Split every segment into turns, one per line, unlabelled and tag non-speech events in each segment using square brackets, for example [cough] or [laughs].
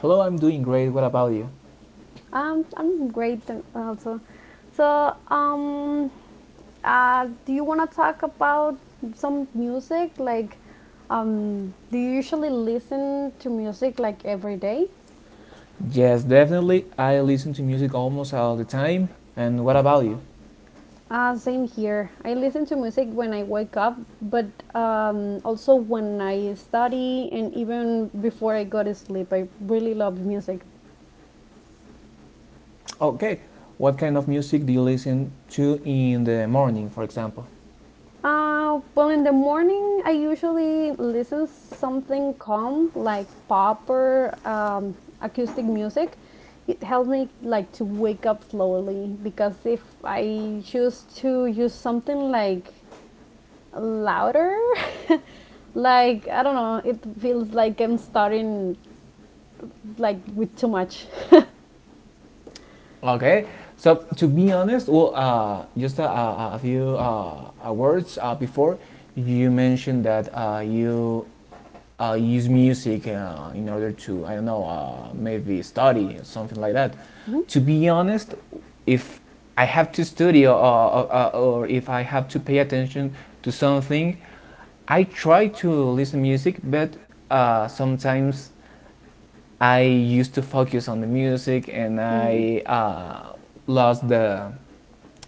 Hello, I'm doing great. What about you?
I'm great also. So do you want to talk about some music? Do you usually listen to music like every day?
Yes, definitely. I listen to music almost all the time. And what about you?
Same here. I listen to music when I wake up, but also when I study and even before I go to sleep. I really love music.
Okay, what kind of music do you listen to in the morning, for example?
In the morning, I usually listen something calm like pop or acoustic music. It helps me like to wake up slowly because if I choose to use something like louder, [laughs] like I don't know, it feels like I'm starting like with too much. [laughs]
Okay, so to be honest, well, just a few words before you mentioned that you use music in order to, I don't know, maybe study or something like that. To be honest, if I have to study, or if I have to pay attention to something, I try to listen music, but sometimes I used to focus on the music, and
Mm.
I lost the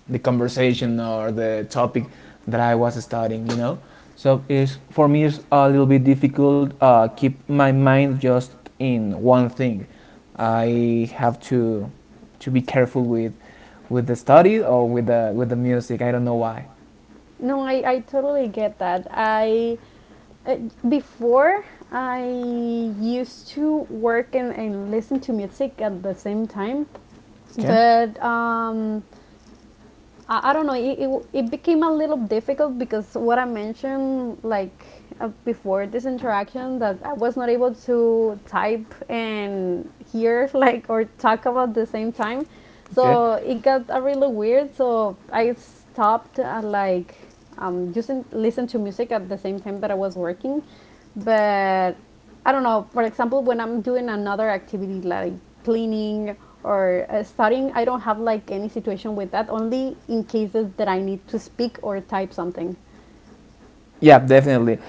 the conversation or the topic that I was studying, you know. So it's for me it's a little bit difficult keep my mind just in one thing. I have to be careful with the study or with the music. I don't know why.
No, I totally get that. I uh, Before I used to work and, listen to music at the same time,
Okay,
but I don't know. It became a little difficult because what I mentioned before this interaction that I was not able to type and hear [laughs] like or talk about the same time.
okay.
So it got a really weird. So I stopped like just listen to music at the same time that I was working, but I don't know, for example, when I'm doing another activity like cleaning or studying, I don't have like any situation with that, only in cases that I need to speak or type something.
Yeah, definitely.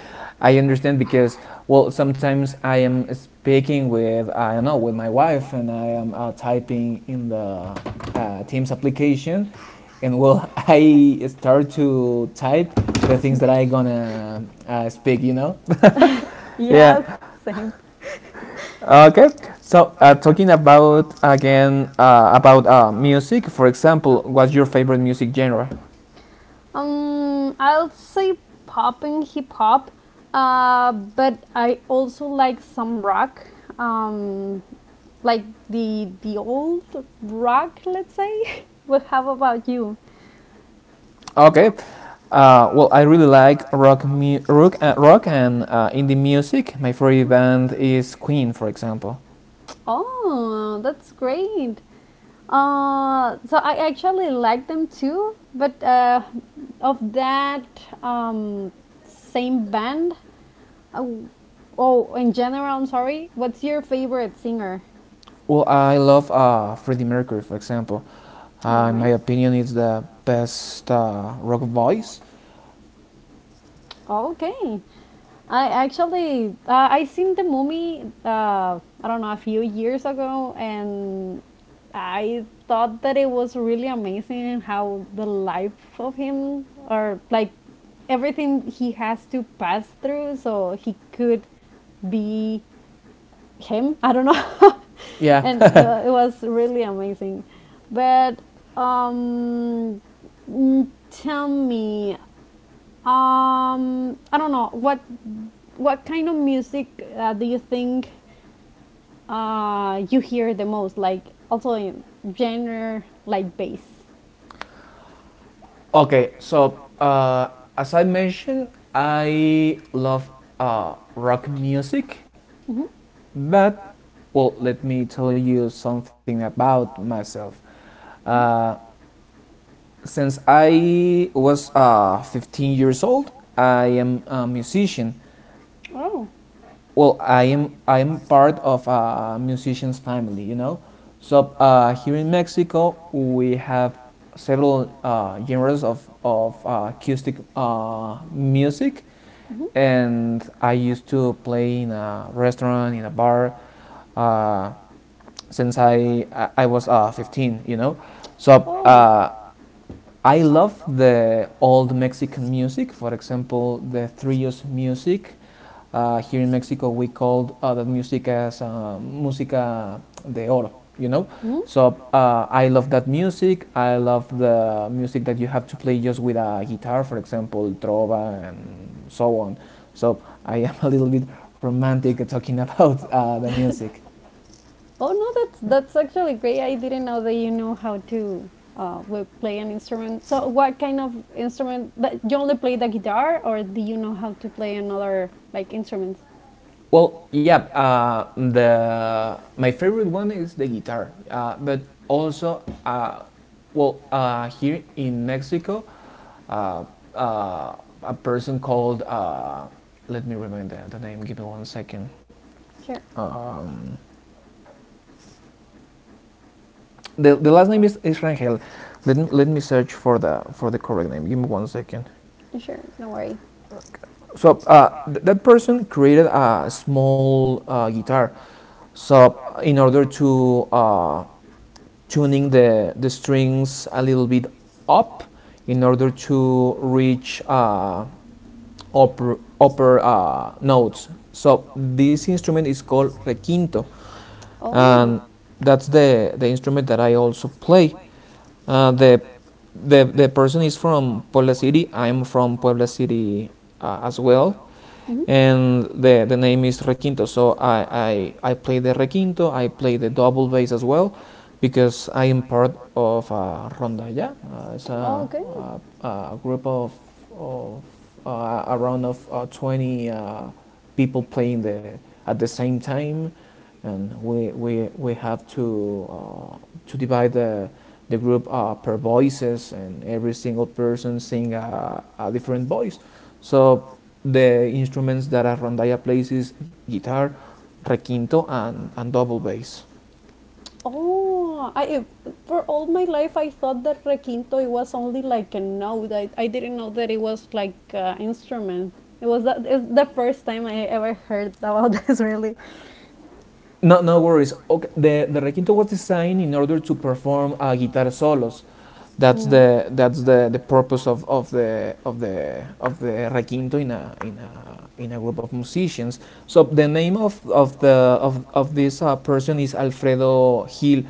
I understand because, well, sometimes I am speaking with, I don't know, with my wife, and I am typing in the Teams application, and well, [laughs] I start to type the things that I gonna speak.
Yes, yeah,
Yeah.
same. [laughs]
Okay. So talking about again about music, for example, what's your favorite music genre?
I'll say pop and hip hop, but I also like some rock, um, like the old rock, let's say. [laughs] Well, how about you?
Okay. Well, I really like rock and indie music. My favorite band is Queen, for example.
Oh, that's great. So I actually like them too, but of that same band. oh, oh, in general, I'm sorry, what's your favorite singer?
Well, I love Freddie Mercury, for example.
All
In
right.
my opinion, it's the best rock voice.
Okay. I actually I seen the movie, I don't know, a few years ago, and I thought that it was really amazing how the life of him, or like everything he has to pass through so he could be him, [laughs] I don't know. [laughs]
Yeah.
And
[laughs]
it was really amazing, but um tell me, I don't know what kind of music do you think you hear the most? Like also in genre, like bass.
Okay. So, as I mentioned, I love rock music,
Mm-hmm.
but, well, let me tell you something about myself. Uh, Since I was 15 years old, I am a musician.
Oh.
Well, I am part of a musician's family, you know. So here in Mexico, we have several genres of acoustic music,
Mhm.
and I used to play in a restaurant, in a bar, uh, since was 15, you know. So I love the old Mexican music, for example, the trillos music. Here in Mexico, we called that music as música de oro, you know?
Mhm.
So I love that music. I love the music that you have to play just with a guitar, for example, trova and so on. So I am a little bit romantic talking [laughs] about the music.
Oh no, that's actually great. I didn't know that you knew how to play an instrument. So, what kind of instrument? That you only play the guitar, or do you know how to play another like instruments?
Well, yeah, the my favorite one is the guitar, but also, well, here in Mexico, uh, uh, a person called, let me remember the name. Give me one second.
Sure.
Um, the last name is Rangel. Let me search for the correct name. Give me one second.
Sure, no worry.
So that person created a small guitar. So in order to tuning the strings a little bit up in order to reach upper notes. So this instrument is called requinto, and
Oh.
that's the instrument that I also play. Uh, the, the person is from Puebla City. I'm from Puebla City as well,
Mm-hmm.
and the name is requinto. So I play the requinto. I play the double bass as well, because I am part of rondalla. Uh, it's a,
Oh, good.
a, a group of around of 20 people playing the at the same time, and we have to divide the group per voices, and every single person sing a different voice. So the instruments that Arrondaya plays is guitar, requinto, and double bass.
Oh, I for all my life I thought that requinto it was only like a note. I didn't know that it was like an instrument. It's the first time I ever heard about [laughs] this really.
No, no worries. Okay, the requinto was designed in order to perform guitar solos. That's
Mm.
the that's the, the purpose of the of the of the requinto in a group of musicians. So the name of this person is Alfredo Gil,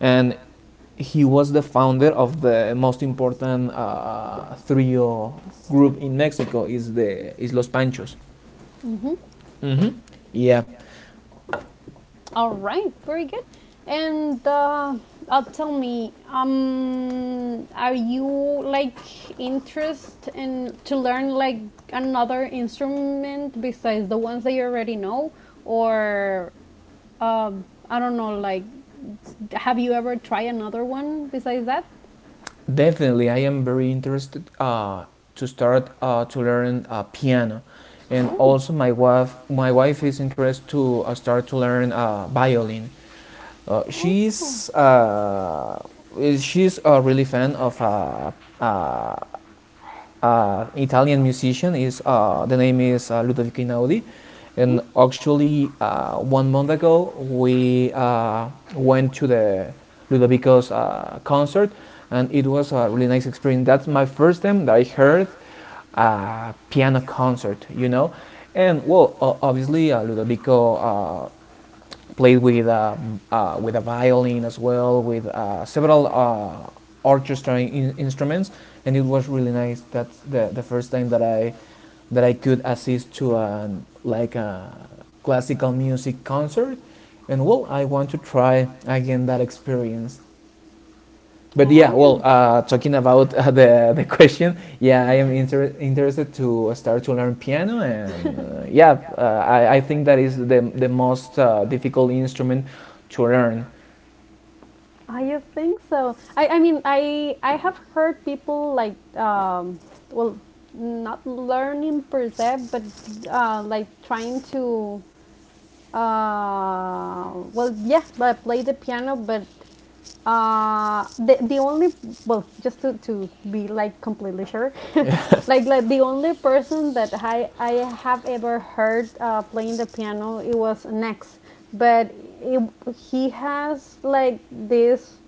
and he was the founder of the most important trio group in Mexico is Los Panchos.
Mm-hmm.
Mm-hmm. Yeah,
All right, very good. And tell me, are you like interest in to learn like another instrument besides the ones that you already know, or I don't know, like, have you ever tried another one besides that?
definitely. I am very interested to start to learn piano, and
Oh.
also my wife is interested to start to learn violin. Uh,
Oh,
she's uh, she's a really fan of uh, Italian musician. Is the name is Ludovico Inaudi, and actually one month ago we went to the Ludovico's concert, and it was a really nice experience. That's my first time that I heard a piano concert, you know, and well, obviously Ludovico played with a violin as well, with several orchestra instruments, and it was really nice. That's the first time that I could assist to an like a classical music concert, and well, I want to try again that experience.
yeah.
But yeah, well,
Oh,
talking about the question,
[laughs]
yeah, I
yeah.
am interested to start to learn piano, and
And
yeah, I think that is the most difficult instrument to learn.
[laughs] I you think so. I mean I have heard people like well not learning per se, but like trying to, yeah, I play the piano, but the only, well, just to be like completely sure,
[laughs]
[laughs] like the only person that I have ever heard playing the piano it was Nex, but it, he has like this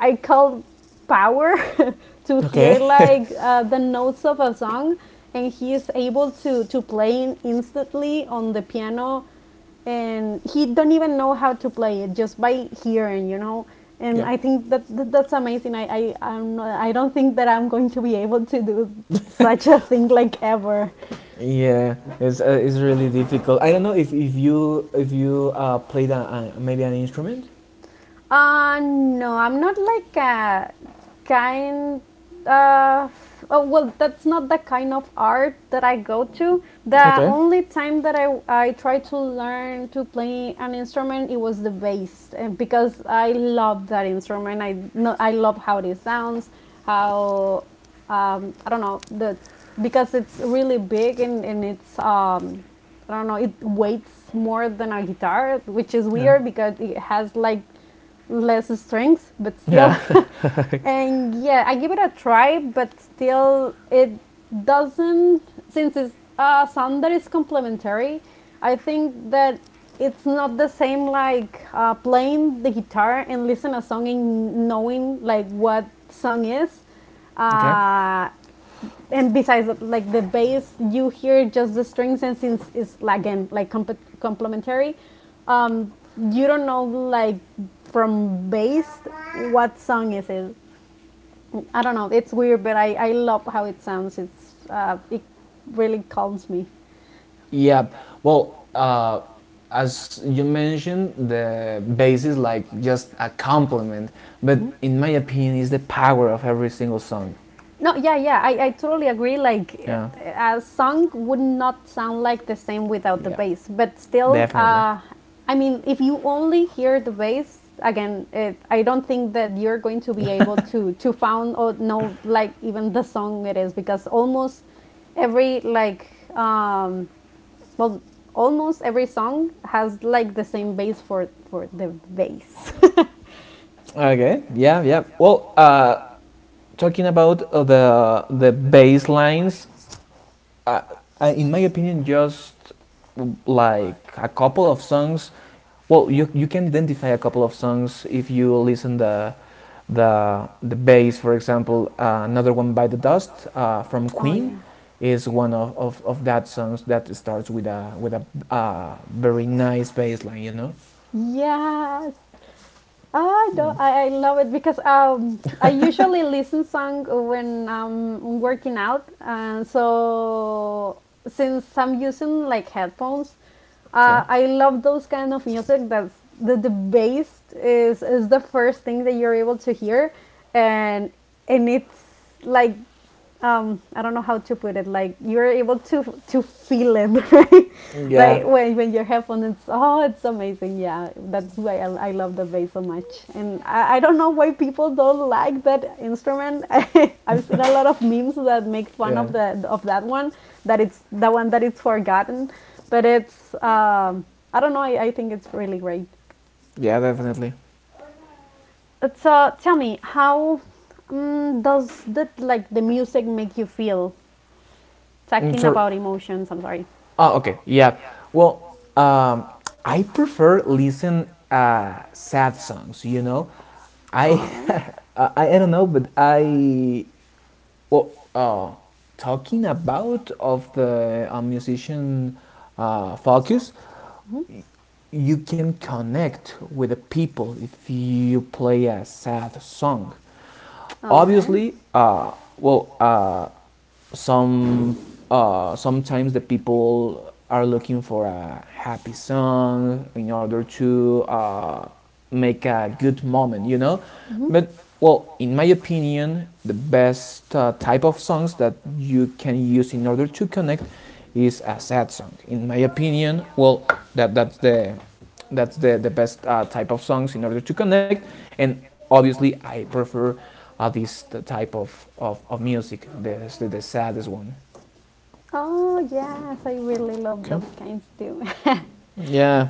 I call power [laughs] to hear
Okay.
like
[laughs]
the notes of a song, and he is able to play in instantly on the piano, and he don't even know how to play it just by hearing, you know. And
Yeah,
I think that, that's amazing. I I'm not, I don't think that I'm going to be able to do such a thing like ever.
yeah, it's really difficult. I don't know if you played, maybe an instrument.
No, I'm not like a kind of. Oh, well, that's not the kind of art that I go to. The
Okay.
only time that I tried to learn to play an instrument, it was the bass, and because I love that instrument. I no, I love how it sounds, how, I don't know, the because it's really big and it's I don't know, it weighs more than a guitar, which is
Yeah.
weird because it has like less strings, but still.
Yeah.
[laughs]
[laughs]
And yeah, I give it a try, but still, it doesn't, since it's a sound that is complementary, I think that it's not the same like playing the guitar and listen a song and knowing like what song is.
Okay.
Uh, and besides like the bass you hear just the strings, and since it's like again like complementary, you don't know like from bass what song is it. I don't know, it's weird, but I love how it sounds. It really calms me.
Yeah. Well, as you mentioned, the bass is like just a compliment, but in my opinion, it's the power of every single song.
No, yeah, yeah, I totally agree. Like
Yeah.
a song would not sound like the same without the
Yeah.
bass, but still,
Definitely.
I mean, if you only hear the bass again, it, I don't think that you're going to be able to found or know like even the song it is, because almost every like um well almost every song has like the same bass for the bass. [laughs]
Okay. Yeah. Yeah. Well, talking about the bass lines, uh, in my opinion, just like a couple of songs. Well, you can identify a couple of songs if you listen the bass, for example, Another One by the Dust from
Oh
Queen
yeah.
is one of that songs that starts with a very nice bass line, you know.
Yes. I
Yeah.
don't. I love it because I usually listen song when I'm working out, and so since I'm using like headphones,
Okay.
I love those kind of music. That's the bass is the first thing that you're able to hear, and and it's like, um I don't know how to put it, like you're able to feel it, [laughs] right,
Yeah.
like when your headphone it's, oh, it's amazing, yeah, that's why I love the bass so much. And I don't know why people don't like that instrument. [laughs] I've seen a lot of memes that make fun
Yeah.
of the of that one, that it's the one that it's forgotten, but it's I don't know, I think it's really great.
Yeah. Definitely.
So tell me how, does that like the music make you feel,
Mm,
talking
sorry.
about emotions. I'm sorry.
Oh, okay. Yeah. Well, um, I prefer listen sad songs. You know, I
All right.
[laughs] I don't know, but I. Well, talking about of the musician focus, you can connect with the people if you play a sad song.
All right.
Obviously, well, some sometimes the people are looking for a happy song in order to make a good moment, you know?
Mhm.
But, well, in my opinion, the best type of songs that you can use in order to connect is a sad song. In my opinion, well, that, that's the that's the best type of songs in order to connect, and obviously I prefer this type of music, the saddest one.
Oh yes, I really love those
Okay.
kinds too. [laughs]
Yeah.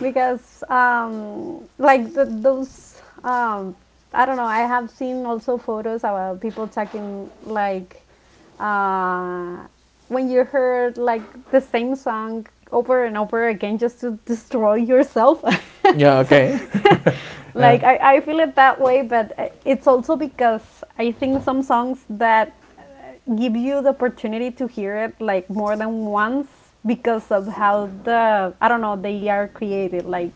Because like the, those I don't know, I have seen also photos about people taking like uh, when you heard like the same song over and over again just to destroy yourself.
[laughs] Yeah.
[laughs] So
Okay.
[laughs]
uh,
like I feel it that way, but it's also because I think some songs that give you the opportunity to hear it like more than once because of how the, I don't know, they are created, like,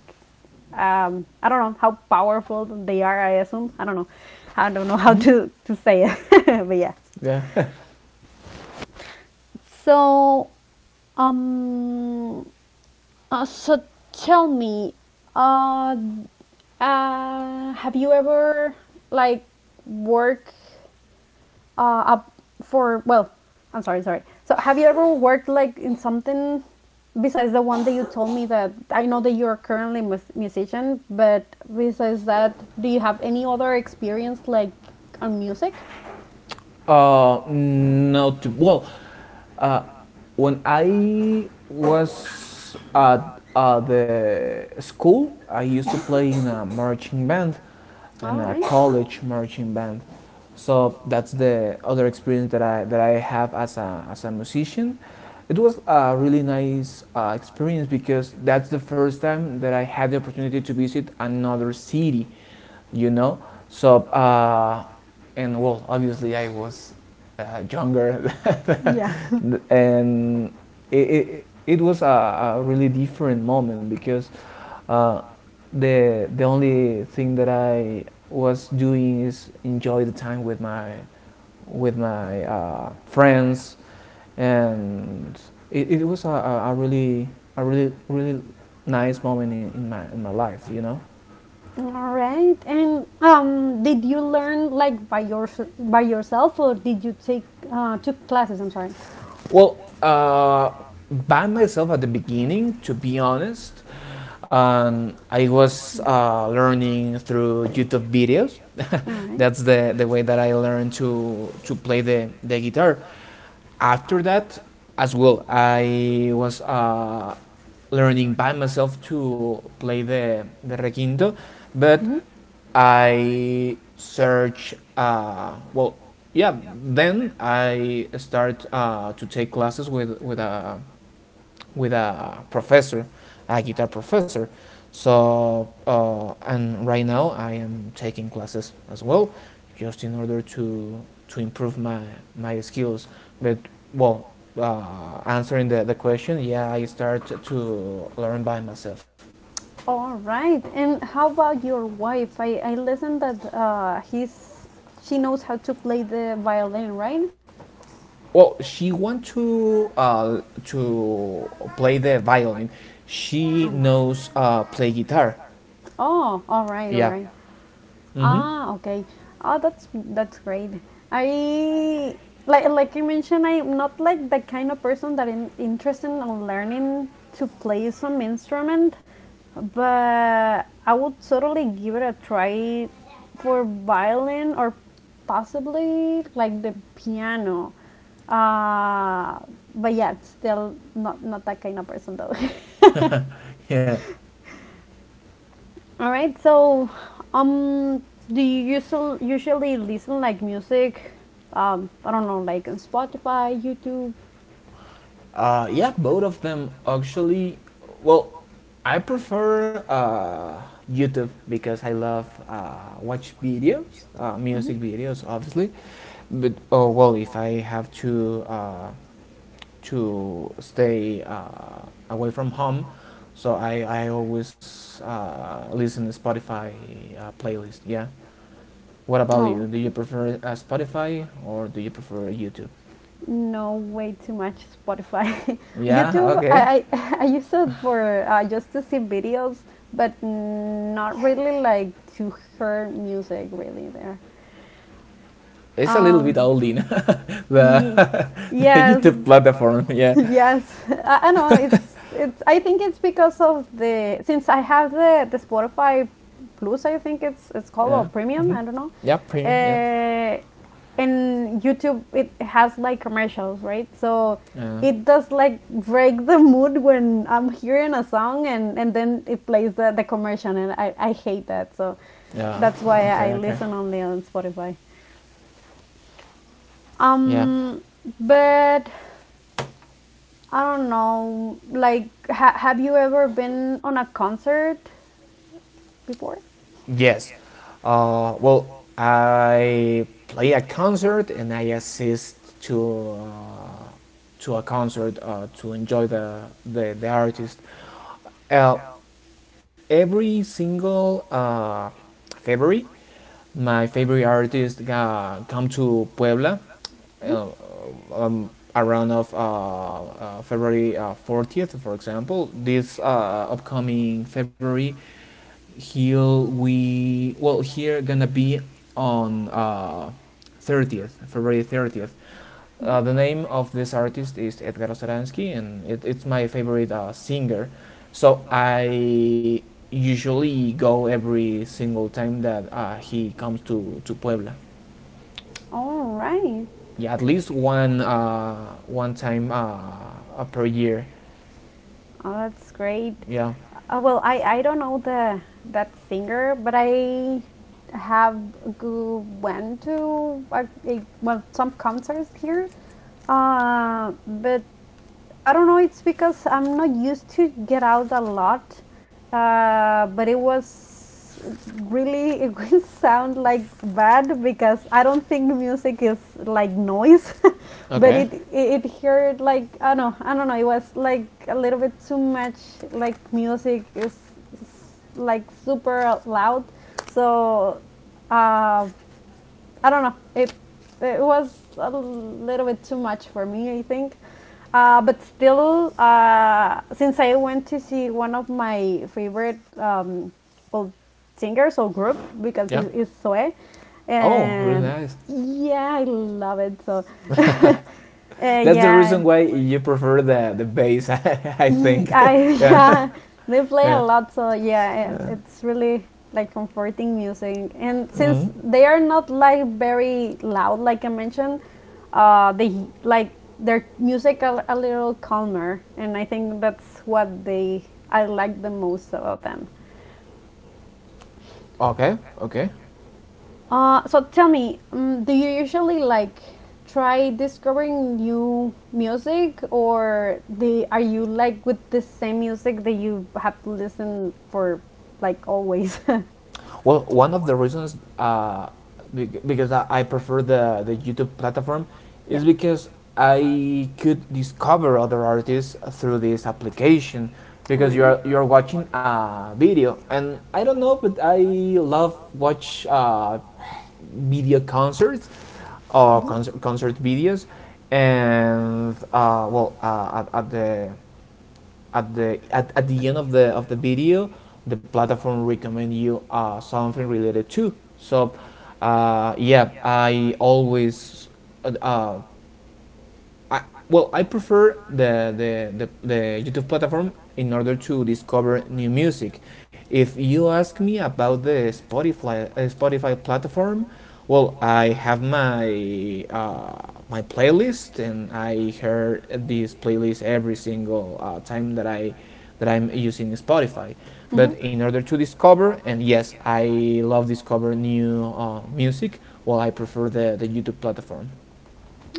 I don't know how powerful they are. I assume, I don't know. I don't know [laughs] how
mm,
to say it, [laughs] but yeah.
yeah.
So um, so tell me, uh, have you ever like work up for well? I'm sorry, sorry. So have you ever worked like in something besides the one that you told me that I know that you're currently musician, but besides that, do you have any other experience like on music?
[laughs] No, to, well. Uh, when I was at the school, I used to play in a marching band and
All
a
right.
college marching band. So that's the other experience that I have as a musician. It was a really nice experience, because that's the first time that I had the opportunity to visit another city, you know. So, and well, obviously I was younger,
Was [laughs] yeah. [laughs]
[laughs] and it was a really different moment, because uh, the only thing that I was doing is enjoy the time with my friends, and it was a really nice moment in my life, you know.
All right. And did you learn like by yourself, or did you take took classes? I'm sorry.
Well, by myself at the beginning, to be honest, I was learning through YouTube videos.
Right.
That's the way that I learned to play the guitar. After that, as well, I was learning by myself to play the requinto, but
But
I search. Well, yeah. Then I start to take classes with a professor, a guitar professor. So and right now I am taking classes as well, just in order to improve my skills. But, well, answering the question, yeah, I start to learn by myself.
all right. And how about your wife? I listened that he's she knows how to play the violin, right?
Well, she want to play the violin. She knows play guitar.
Oh, all right, all
Yeah.
right.
Mm-hmm.
Ah, okay. Oh, that's great. I like you mentioned, I'm not like the kind of person that I'm interested in learning to play some instrument, but I would totally give it a try for violin or possibly like the piano. Uh, but yeah, it's still not not that kind of person though. [laughs]
Yeah.
All right. So, um, do you usually usually listen like music? I don't know, like on Spotify, YouTube.
Yeah, both of them actually. Well, I prefer YouTube because I love watch videos, music videos, obviously. But, oh, well, if I have to stay away from home, so I always listen to Spotify playlist. Yeah. What about
Oh,
you? Do you
okay.
prefer Spotify or do you prefer YouTube?
No, way too much Spotify. [laughs]
Yeah.
YouTube,
Okay.
I [laughs] I use it for just to see videos, but not really like to hear music really there.
It's a little bit
Um,
oldie,
ye-
the [laughs] the
yes,
YouTube
[laughs]
platform. [laughs] Yeah,
yes. I know it's it's. I think it's because of the since I have the Spotify Plus. I think it's called, or
yeah,
Premium,
mm-hmm.
I don't know.
Yeah, premium. Yeah,
Uh, and YouTube it has like commercials, right? So
yeah,
it does like break the mood when I'm hearing a song and then it plays the commercial and I hate that. So
yeah.
that's why
Okay,
I
okay.
listen only on Spotify.
Yeah.
Um, but I don't know. Like, have you ever been on a concert before?
Yes. Well, I play a concert and I assist to uh, to a concert to enjoy the artist. Uh, every single February, my favorite artist come to Puebla
Mhm,
uh, um, around of February 40th, for example, this upcoming February, here we here gonna be on 30th, February 30th.
mhm.
The name of this artist is Edgar Osaransky, and it's my favorite singer. So I usually go every single time that he comes to Puebla.
All right.
Yeah, at least one time per year.
Oh, that's great.
Yeah.
Well, I don't know the that singer, but I have go went to a, well some concerts here. But I don't know. It's because I'm not used to get out a lot, but it was really [laughs] it will sound like bad because I don't think music is like noise, [laughs] but
Okay.
it heard like I don't know. I don't know. It was like a little bit too much. Like music is, like super loud, so. Uh, I don't know. It was a little bit too much for me, I think. But still, since I went to see one of my favorite or singers or group because
Yeah.
it's Zoe.
Oh, really
And
nice.
yeah, I love it. So, [laughs] uh,
That's the
yeah.
reason why you prefer the bass, [laughs]
[laughs]
I think. [laughs] Yeah.
Yeah,
[laughs]
they play a
Yeah.
lot, so yeah,
Uh,
it's really like comforting music. And since
mhm.
they are not like very loud, like I mentioned, they like their music are a little calmer, and I think that's what they I like the most about them.
Okay. Okay.
So tell me, do you usually like try discovering new music, or the are you like with the same music that you have to listen for like always? [laughs]
Well, one of the reasons because I prefer the YouTube platform
Yeah.
is because I could discover other artists through this application because you're watching a video, and I don't know, but I love watch video concerts or concert videos, and at, the at the end of the video, the platform recommend you something related to. So yeah, I always uh, uh, I, well, I prefer the YouTube platform in order to discover new music. If you ask me about the Spotify Spotify platform, well, I have my playlist, and I hear this playlist every single time that I that I'm using Spotify. But in order to discover, and yes, I love discover new music. Well, I prefer the YouTube platform.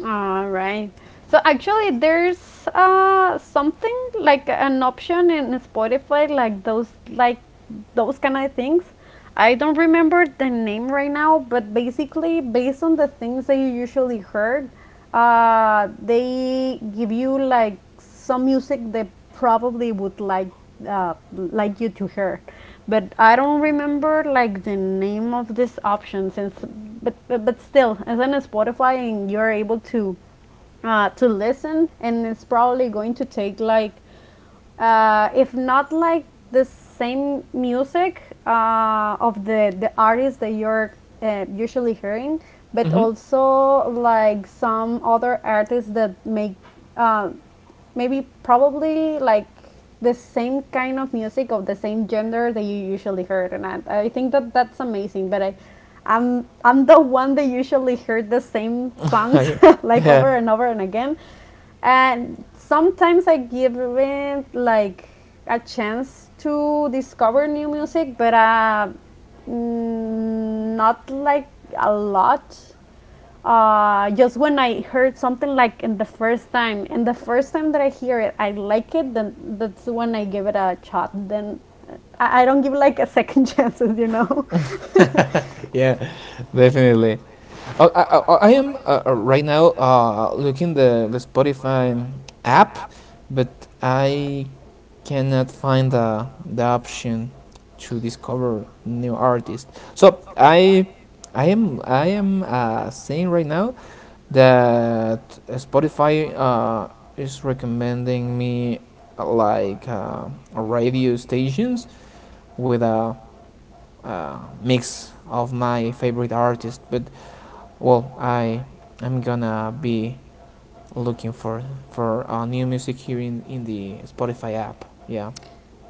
All right. So actually, there's something like an option in Spotify, like those kind of things. I don't remember the name right now, but basically, based on the things that you usually heard, they give you like some music they probably would like you to hear, but I don't remember like the name of this option since. But still, as in Spotify, and you're able to listen, and it's probably going to take like if not like the same music of the artists that you're usually hearing, but
Mm-hmm.
also like some other artists that make uh, maybe probably like the same kind of music of the same gender that you usually heard. And I think that that's amazing, but I'm the one that usually heard the same songs
Okay. [laughs]
[laughs] like
Yeah.
over and over and again, and sometimes I give it like a chance to discover new music, but not like a lot. Just when I heard something like in the first time, and the first time that I hear it, I like it, then that's when I give it a shot. Then I don't give like a second [laughs] chances, you know. [laughs]
Yeah, definitely. I am right now looking the Spotify app, but I cannot find the option to discover new artists. So I am saying right now that Spotify is recommending me like radio stations with a mix of my favorite artists, but well, I'm gonna be looking for new music here in the Spotify app. Yeah.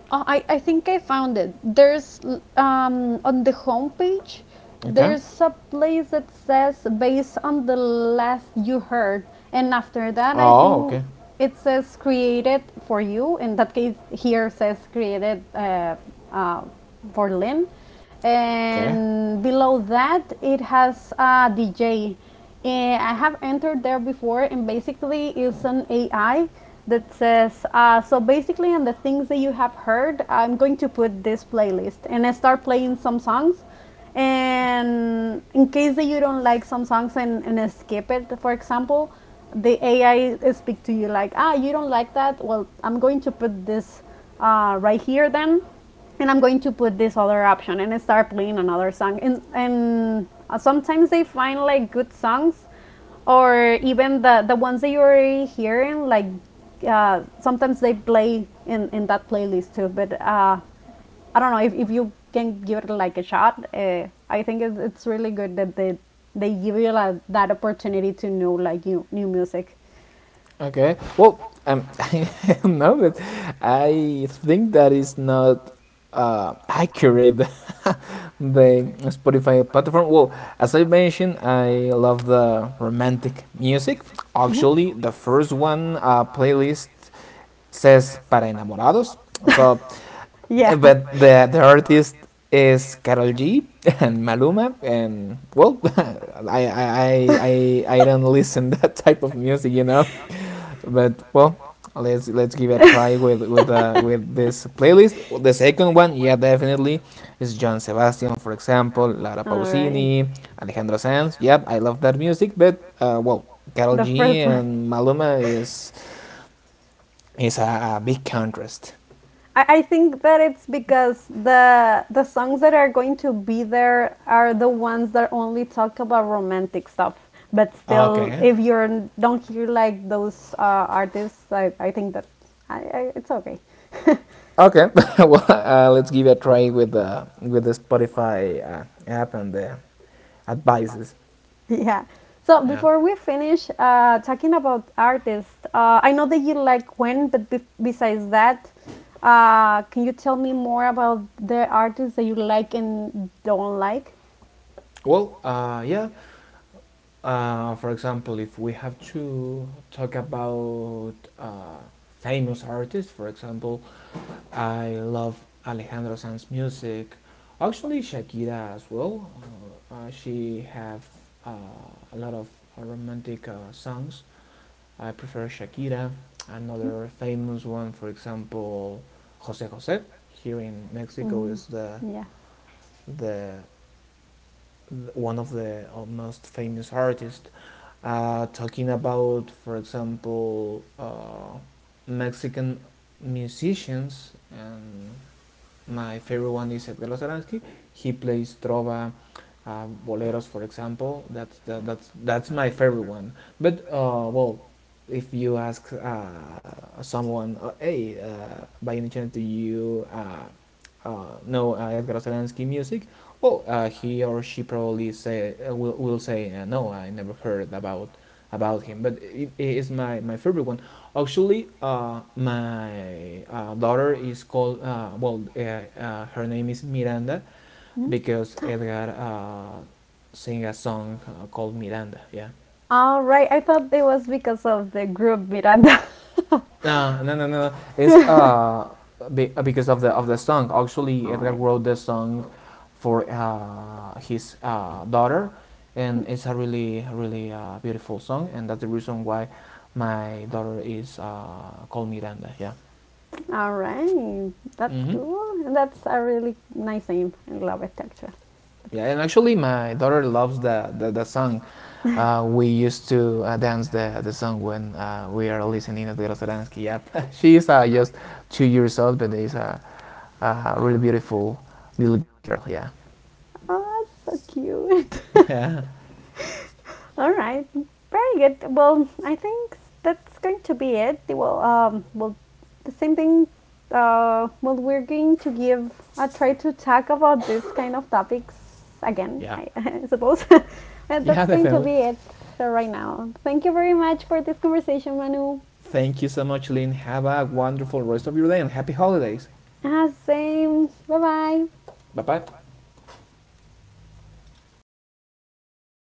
I think I found it. There's on the homepage,
Okay.
there's a place that says based on the last you heard. And after that, I
Oh,
think
okay.
it says created for you. In that case, here says created uh, for Lynn.
Okay.
And below that, it has a DJ. I have entered there before, and basically, it's an AI that says, so basically, on the things that you have heard, I'm going to put this playlist. And I start playing some songs. And in case that you don't like some songs and skip it, for example, the AI speak to you like, ah, you don't like that. Well, I'm going to put this right here then, and I'm going to put this other option and start playing another song. And sometimes they find like good songs, or even the ones that you're already hearing. Like sometimes they play in that playlist too. But I don't know if you can give it like a shot. I think it's really good that they give you like, that opportunity to know like new new music.
Okay. Well,
[laughs] [laughs]
[laughs] no, but I think that is not accurate [laughs] the Spotify platform. Well,
[laughs]
as I mentioned, I love the romantic music. Actually, the first one playlist says para enamorados. So eh,
Yeah. [laughs]
but the artist is Karol G [laughs] and Maluma,
[laughs]
and well
[laughs]
[laughs] I, I I I don't listen [laughs] that
[laughs]
type of music enough, but well, let's give it a try
[laughs]
with with this playlist, the second one, yeah, definitely is John Sebastian, for example, Lara
All right.
Pausini, Alejandro Sanz, yep, I love that music, but well, Karol
The
G
first one.
and Maluma is a big contrast.
I think that it's because the songs that are going to be there are the ones that only talk about romantic stuff. But still,
Okay.
if you are don't hear like those artists, I think that it's okay. [laughs]
Okay, [laughs] well, let's give it a try with the Spotify app and the advices.
[laughs] Yeah. So
Yeah.
before we finish talking about artists, I know that you like Gwen, but besides that, can you tell me more about the artists that you like and don't like?
Well, yeah. For example, if we have to talk about famous artists, for example, I love Alejandro Sanz's music. Actually, Shakira as well. She have uh, a lot of romantic songs. I prefer Shakira. Another famous one, for example, Jose Jose. Here in Mexico is the one of the most famous artists. Talking about, for example, Mexican musicians, and my favorite one is Edgar Saransky. He plays trova, boleros, for example. That's that, that's my favorite one. But well, if you ask someone, hey, by any chance, do you know Edgar Ostrowski music? Well, he or she probably say will say no, I never heard about him. But it is my favorite one. Actually, my daughter is called well, her name is Miranda
Hmm?
because Edgar sing a song called Miranda. Yeah.
All right, I thought it was because of the group Miranda. [laughs] All right.
No, no, no, no, no.
No,
Because of the song. Actually, Edgar wrote the song for his daughter, and it's a really beautiful song, and that's the reason why my daughter is called Miranda. Yeah.
all right, that's
Mm-hmm.
cool. And that's a really nice name. I love it actually.
Yeah,
It's,
and actually, my daughter loves the song. We used to dance the song when we are listening to Grosaransky. Yep. [laughs] She is just 2 years old, but is a really beautiful little girl. Yeah.
oh, that's so cute.
[laughs] yeah,
[laughs] All right, very good. Well, I think that's going to be it. Well, well, the same thing. Well, we're going to give a try to talk about this kind of topics again,
yeah,
I, [laughs] I suppose. [laughs] And
yeah,
that's going to
definitely.
be it right now. Thank you very much for this conversation, Manu.
Thank you so much, Lynn. Have a wonderful rest of your day and happy holidays.
Ah, same. Bye bye.
Bye bye.